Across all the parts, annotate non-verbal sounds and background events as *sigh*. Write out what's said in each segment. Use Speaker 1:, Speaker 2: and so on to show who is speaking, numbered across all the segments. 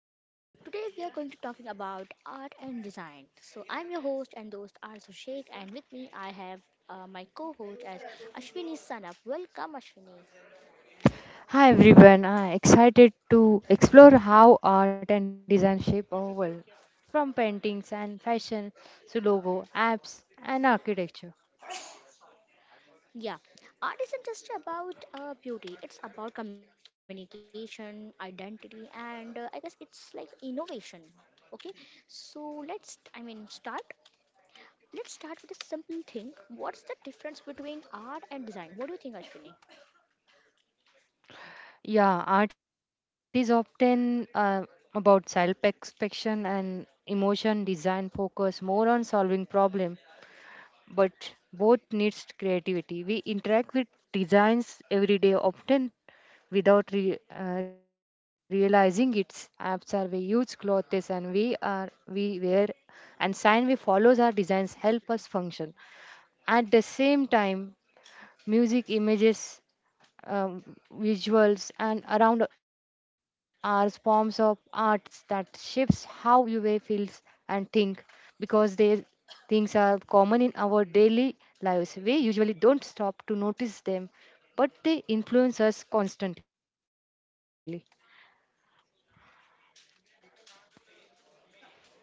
Speaker 1: So, today we are going to talking about art and design. So, I'm your host and host Arzu Sheikh, and with me I have my co-host as Ashwini Sanap. Welcome Ashwini.
Speaker 2: Hi everyone, I'm excited to explore how art and design shape our world, from paintings and fashion to logo, apps, and architecture.
Speaker 1: Yeah, art isn't just about beauty. It's about communication, identity, and I guess it's like innovation. Okay? So, let's I mean start Let's start with a simple thing. What's the difference between art and design? What do you think, Ashwini?
Speaker 2: Yeah, art is often about self expression and emotion. Design focus more on solving problem but both needs creativity. We interact with designs every day, often without realizing its apps are we use clothes and we wear and sign we follows our designs help us function at the same time music images um, visuals and around are forms of arts that shapes how you way feels and think because these things are common in our daily lives we usually don't stop to notice them but they influence us constantly.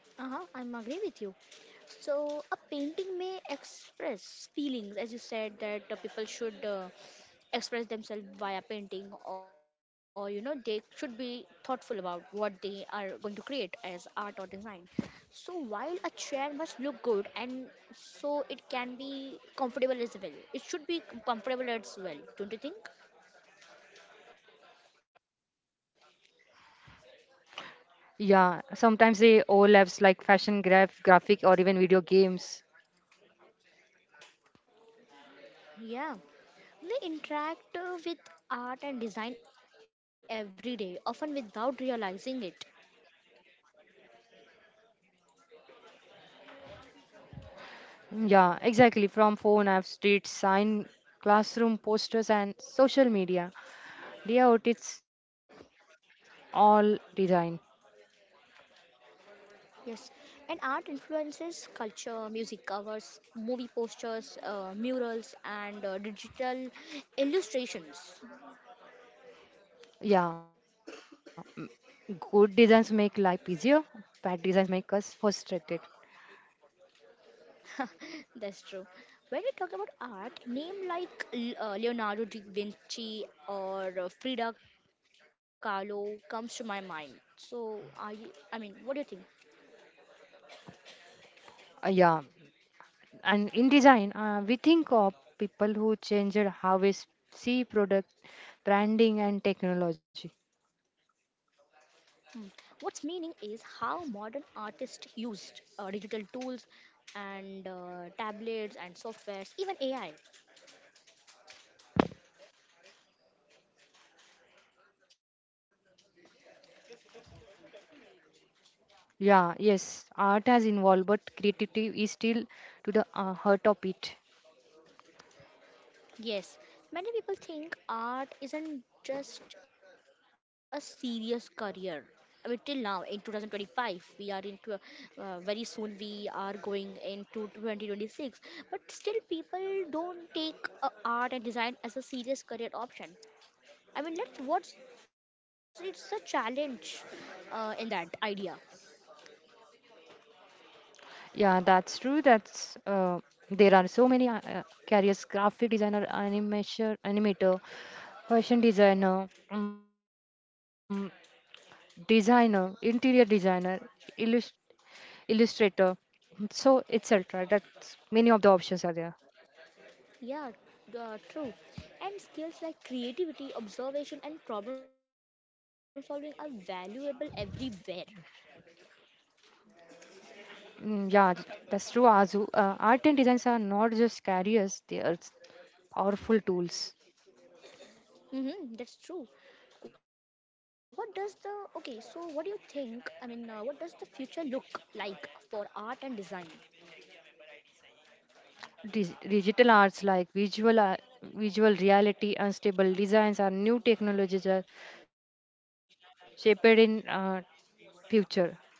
Speaker 1: Uh-huh, I'm agree with you. So a painting may express feelings, as you said that people should express themselves via painting, or you know they should be thoughtful about what they are going to create as art or design. So while a chair must look good, and so it can be comfortable as well. It should be comfortable as well, don't you think?
Speaker 2: Yeah, sometimes they overlaps like fashion graphic or even video games.
Speaker 1: Yeah, they interact with art and design every day, often without realizing it.
Speaker 2: Mm, yeah, exactly. From phone apps, street sign, classroom posters, and social media. Yeah, it is all design.
Speaker 1: Yes, and art influences culture, music covers, movie posters, murals, and digital illustrations.
Speaker 2: Yeah, m- Good designs make life easier, bad designs make us frustrated.
Speaker 1: *laughs* That's true. When we talk about art, name like Leonardo da Vinci or Frida Kahlo comes to my mind. So, I mean, what do you think?
Speaker 2: Yeah, and in design, we think of people who changed how we s- see product, branding, and technology.
Speaker 1: Hmm. What's meaning is how modern artists used digital tools and tablets and softwares, even AI.
Speaker 2: Yeah, yes, art has involved, but creativity is still to the heart of it.
Speaker 1: Yes, many people think art isn't just a serious career. I mean, till now in 2025, we are into very soon we are going into 2026, but still people don't take art and design as a serious career option. I mean, let's what's it's a challenge in that idea.
Speaker 2: Yeah, that's true. That's There are so many careers: graphic designer, animation, animator, fashion designer, designer, interior designer, illus- illustrator. So etc. That's many of the options are there.
Speaker 1: Yeah, true. And skills like creativity, observation, and problem solving are valuable everywhere.
Speaker 2: That's true, Azu. Art and designs are not just careers; they are powerful tools.
Speaker 1: Mm-hmm, that's true. What does the okay? So, what do you think? I mean, what does the future look like for art and design?
Speaker 2: Digital arts like visual reality unstable designs are new technologies are shaped in future.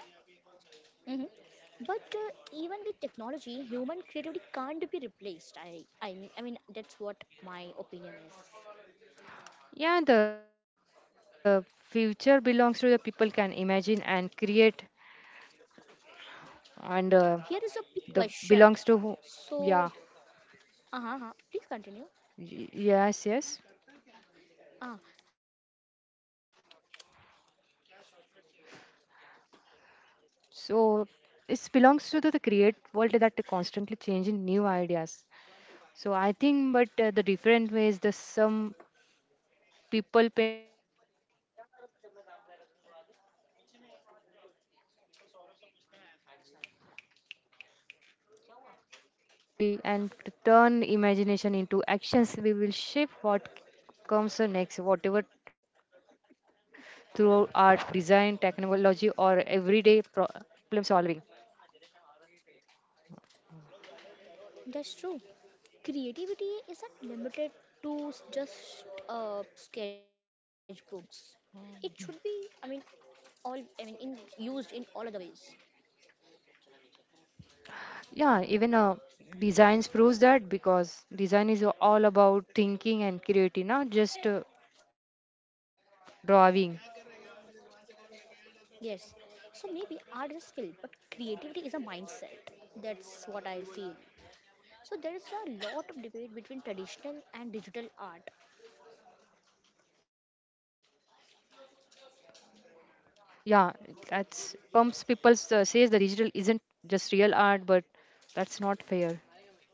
Speaker 1: Mm-hmm. But even with technology, human creativity can't be replaced. I mean, that's what my opinion is.
Speaker 2: Yeah, the future belongs to the people can imagine and create,
Speaker 1: Here
Speaker 2: and
Speaker 1: is a big
Speaker 2: the
Speaker 1: question.
Speaker 2: belongs to who-
Speaker 1: So,
Speaker 2: yeah.
Speaker 1: uh huh, please continue.
Speaker 2: Y- yes, yes,
Speaker 1: Ah, so I'm going to say that here is a big question.
Speaker 2: so
Speaker 1: Do you think
Speaker 2: it belongs to
Speaker 1: everyone
Speaker 2: the
Speaker 1: is an
Speaker 2: create
Speaker 1: artist?
Speaker 2: world that constantly changing new ideas, so I think but the different ways, the some people paints, other cooks, dance, design, or events to solve problem create, creativity. Those who can think creatively and turn imagination into actions, we will shape what comes next, whatever through art, design, technology, or everyday problem solving.
Speaker 1: That's true. Creativity isn't limited to just sketchbooks. It should be, I mean, all, I mean, in used in all other ways.
Speaker 2: Yeah, even designs proves that because design is all about thinking and creativity, not just drawing.
Speaker 1: Yes. So maybe art is a skill, but creativity is a mindset. That's what I feel. So there is a lot of debate between traditional and digital art.
Speaker 2: Yeah, that's comes people says the digital isn't just real art, but that's not fair.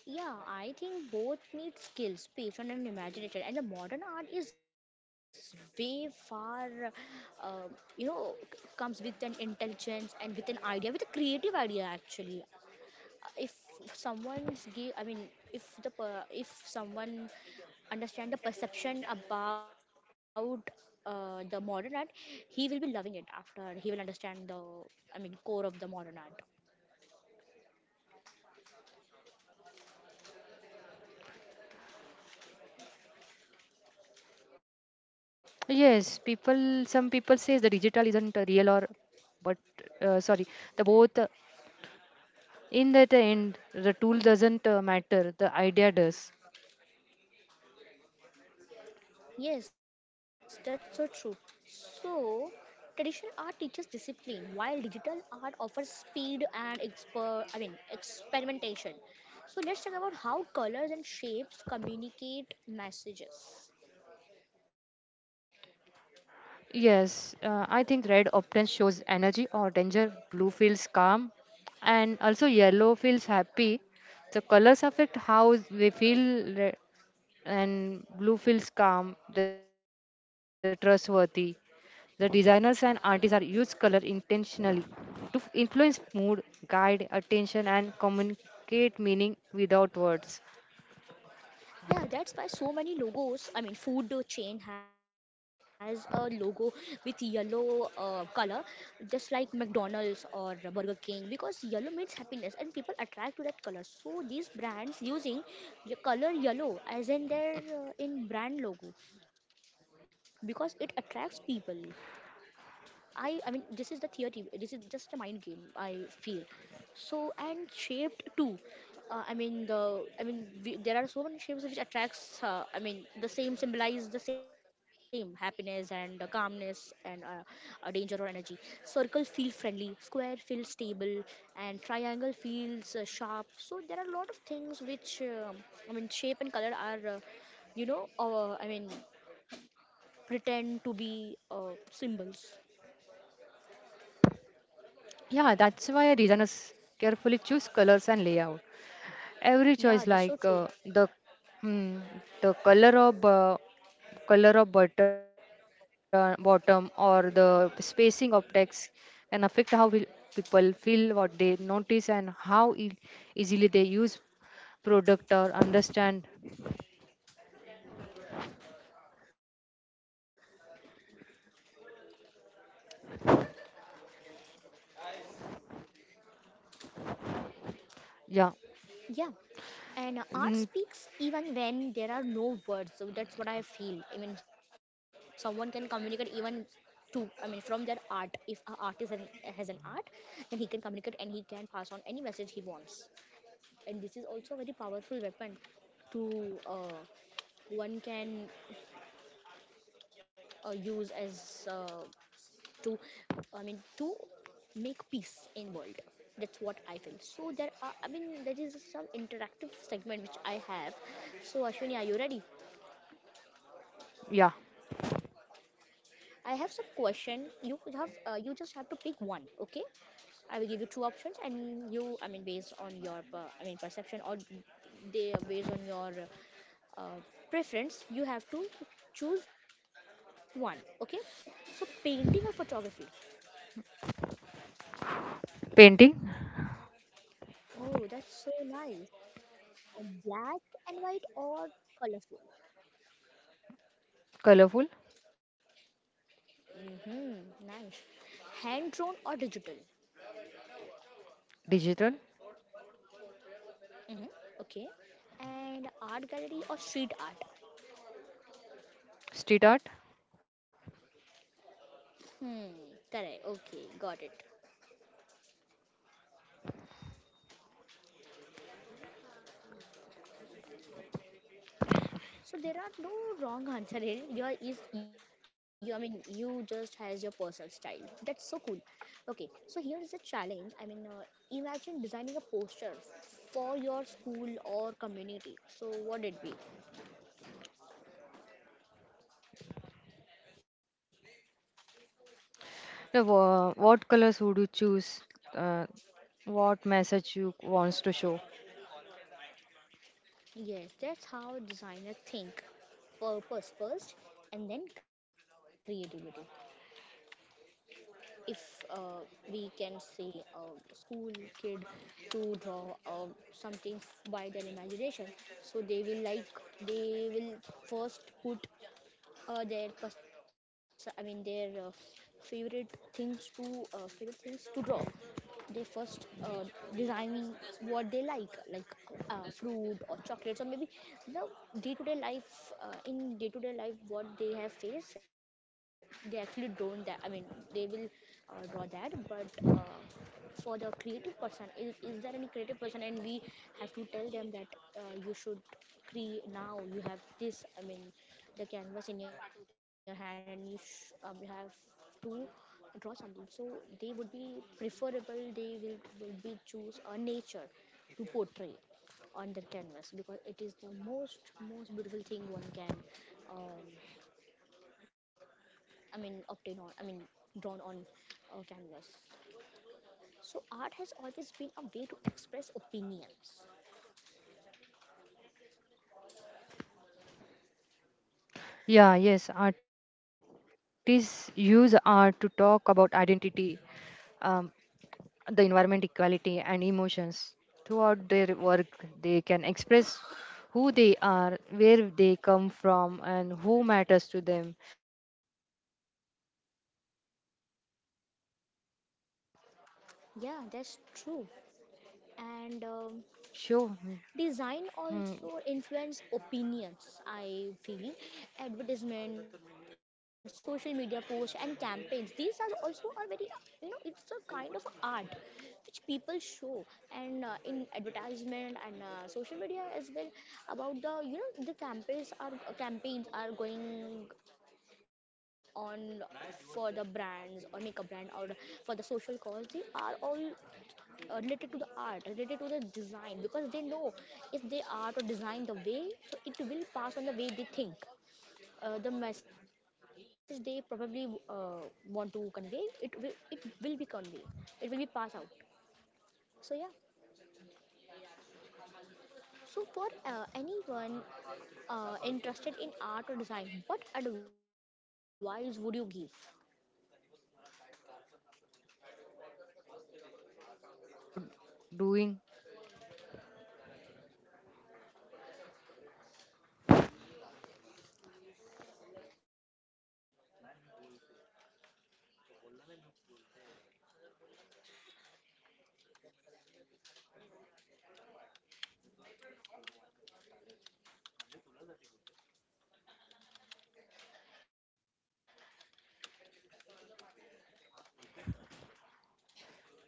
Speaker 1: Yeah, I think both need skills, patience, and imagination. And the modern art is way far, you know, comes with an intelligence and with an idea, with a creative idea actually. If someone's give, I mean, if the per- if someone understand the perception about the modern art, he will be loving it after he will understand the, I mean, core of the modern art.
Speaker 2: Yes, people. Some people says the digital isn't real or, but sorry, the both. In that end, the tool doesn't matter. The idea does.
Speaker 1: Yes, that's so true. So, traditional art teaches discipline, while digital art offers speed and experimentation. So let's talk about how colors and shapes communicate messages.
Speaker 2: Yes, I think red often shows energy or danger. Blue feels calm, and also yellow feels happy. The colors affect how we feel, and blue feels calm, the trustworthy. The designers and artists are use color intentionally to influence mood, guide attention, and communicate meaning without words.
Speaker 1: Yeah, that's why so many logos. I mean, food chain has a logo with yellow color, just like McDonald's or Burger King, because yellow means happiness, and people attract to that color. So these brands using the color yellow as in their in brand logo because it attracts people. I mean this is the theory. This is just a mind game. I feel so, and shaped too. I mean, there are so many shapes which attracts. I mean the same symbolize the same happiness and calmness and danger or energy. Circle feel friendly. Square feels stable and triangle feels sharp. So there are a lot of things which I mean shape and color are you know I mean pretend to be symbols.
Speaker 2: Yeah, that's why designers carefully choose colors and layout. Every choice like
Speaker 1: Yeah, that's so true.
Speaker 2: hmm, the color of button, bottom or the spacing of text can affect how will people feel what they notice and easily they use product or understand. Yeah.
Speaker 1: Yeah,
Speaker 2: Mm,
Speaker 1: and art speaks even when there are no words. So that's what I feel. I mean, someone can communicate even to, I mean, from their art. If an artist an, has an art, then he can communicate and he can pass on any message he wants. And this is also a very powerful weapon to one can use as to I mean to make peace in world. That's what I feel. So there are I mean there is some interactive segment which I have. So Ashwini, are you ready?
Speaker 2: yeah.
Speaker 1: I have some question. You have you just have to pick one. Okay, I will give you two options, and you I mean based on your perception or they based on your uh, preference, you have to choose one. Okay, so painting or photography.
Speaker 2: Painting.
Speaker 1: Oh, that's so nice. Or black and white or colorful?
Speaker 2: Colorful.
Speaker 1: Mm-hmm. Nice. Hand drawn or digital?
Speaker 2: Digital.
Speaker 1: Mm-hmm. Okay. And art gallery or street art?
Speaker 2: Street art.
Speaker 1: Hmm. Correct. Okay. Got it. So there are no wrong answer here. Your is you. I mean, you just has your personal style. That's so cool. Okay. So here is a challenge. I mean, imagine designing a poster for your school or community. So what it be?
Speaker 2: What colors would you choose, uh, what message you wants to show?
Speaker 1: Yes, that's how designers think. Purpose first and then creativity. If we can see a school kid to draw something by their imagination, so they will like they will first put their favorite things to draw. They first design what they like fruit or chocolates, or maybe the day-to-day life. In day-to-day life, what they have faced, they actually drawn that. I mean, they will draw that, but. For the creative person is there any creative person and we have to tell them that you should create, now you have this, I mean the canvas in your hand, and you you have to draw something, so they would be preferable, they will would be choose a nature to portray on their canvas, because it is the most most beautiful thing one can um, I mean obtain on I mean drawn on canvas. So, art has always been a way to express opinions.
Speaker 2: Yeah, yes, artists use art to talk about identity, um, the environment, equality, and emotions. Throughout their work, they can express who they are, where they come from, and who matters to them. When, uh, Even when words wasn't enough,
Speaker 1: Yeah,
Speaker 2: art
Speaker 1: that's
Speaker 2: can
Speaker 1: true.
Speaker 2: highlight social issues.
Speaker 1: And
Speaker 2: Show.
Speaker 1: Design
Speaker 2: Mm.
Speaker 1: also influence opinions, I feel. Advertisement, social media posts, and campaigns. These are also are very, you know, it's a kind of art which people show. And in advertisement and social media as well, about the you know the campaigns are going on for the brands or makeup brand or for the social cause. They are all related to the art, related to the design, because they know if they art or design the way, so it will pass on the way they think, the message they probably want to convey, it will be conveyed, it will be passed out. So yeah. So, for anyone interested in art or design, what advice would you give?
Speaker 2: this- so practice regularly, even it's good outdoing.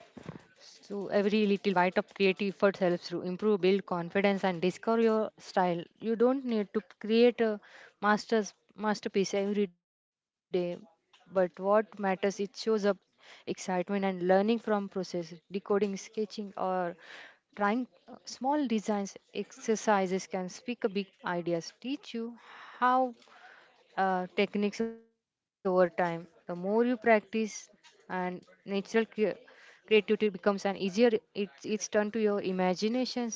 Speaker 2: So every little bite of creative effort helps to improve, build confidence, and discover your style. You don't need to create a master's masterpiece every day, but what matters it shows up excitement and learning from process, decoding, sketching, or trying small designs exercises can speak a big ideas teach you how techniques over time. The more you practice, and natural creativity becomes an easier. It's turned to your imaginations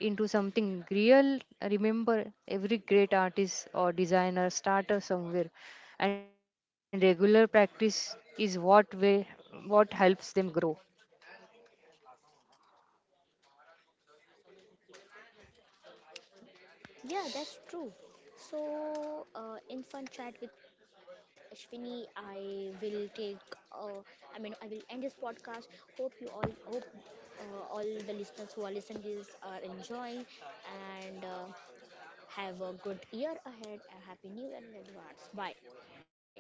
Speaker 2: into something real. Remember, every great artist or designer starter somewhere, and regular practice is what helps them grow.
Speaker 1: Yeah, that's true. So, in fun chat with Ashwini, I will take. Uh, I will end this podcast. Hope all the listeners who are listening this are enjoying, and have a good year ahead. A happy new year in advance. Bye. Signing off.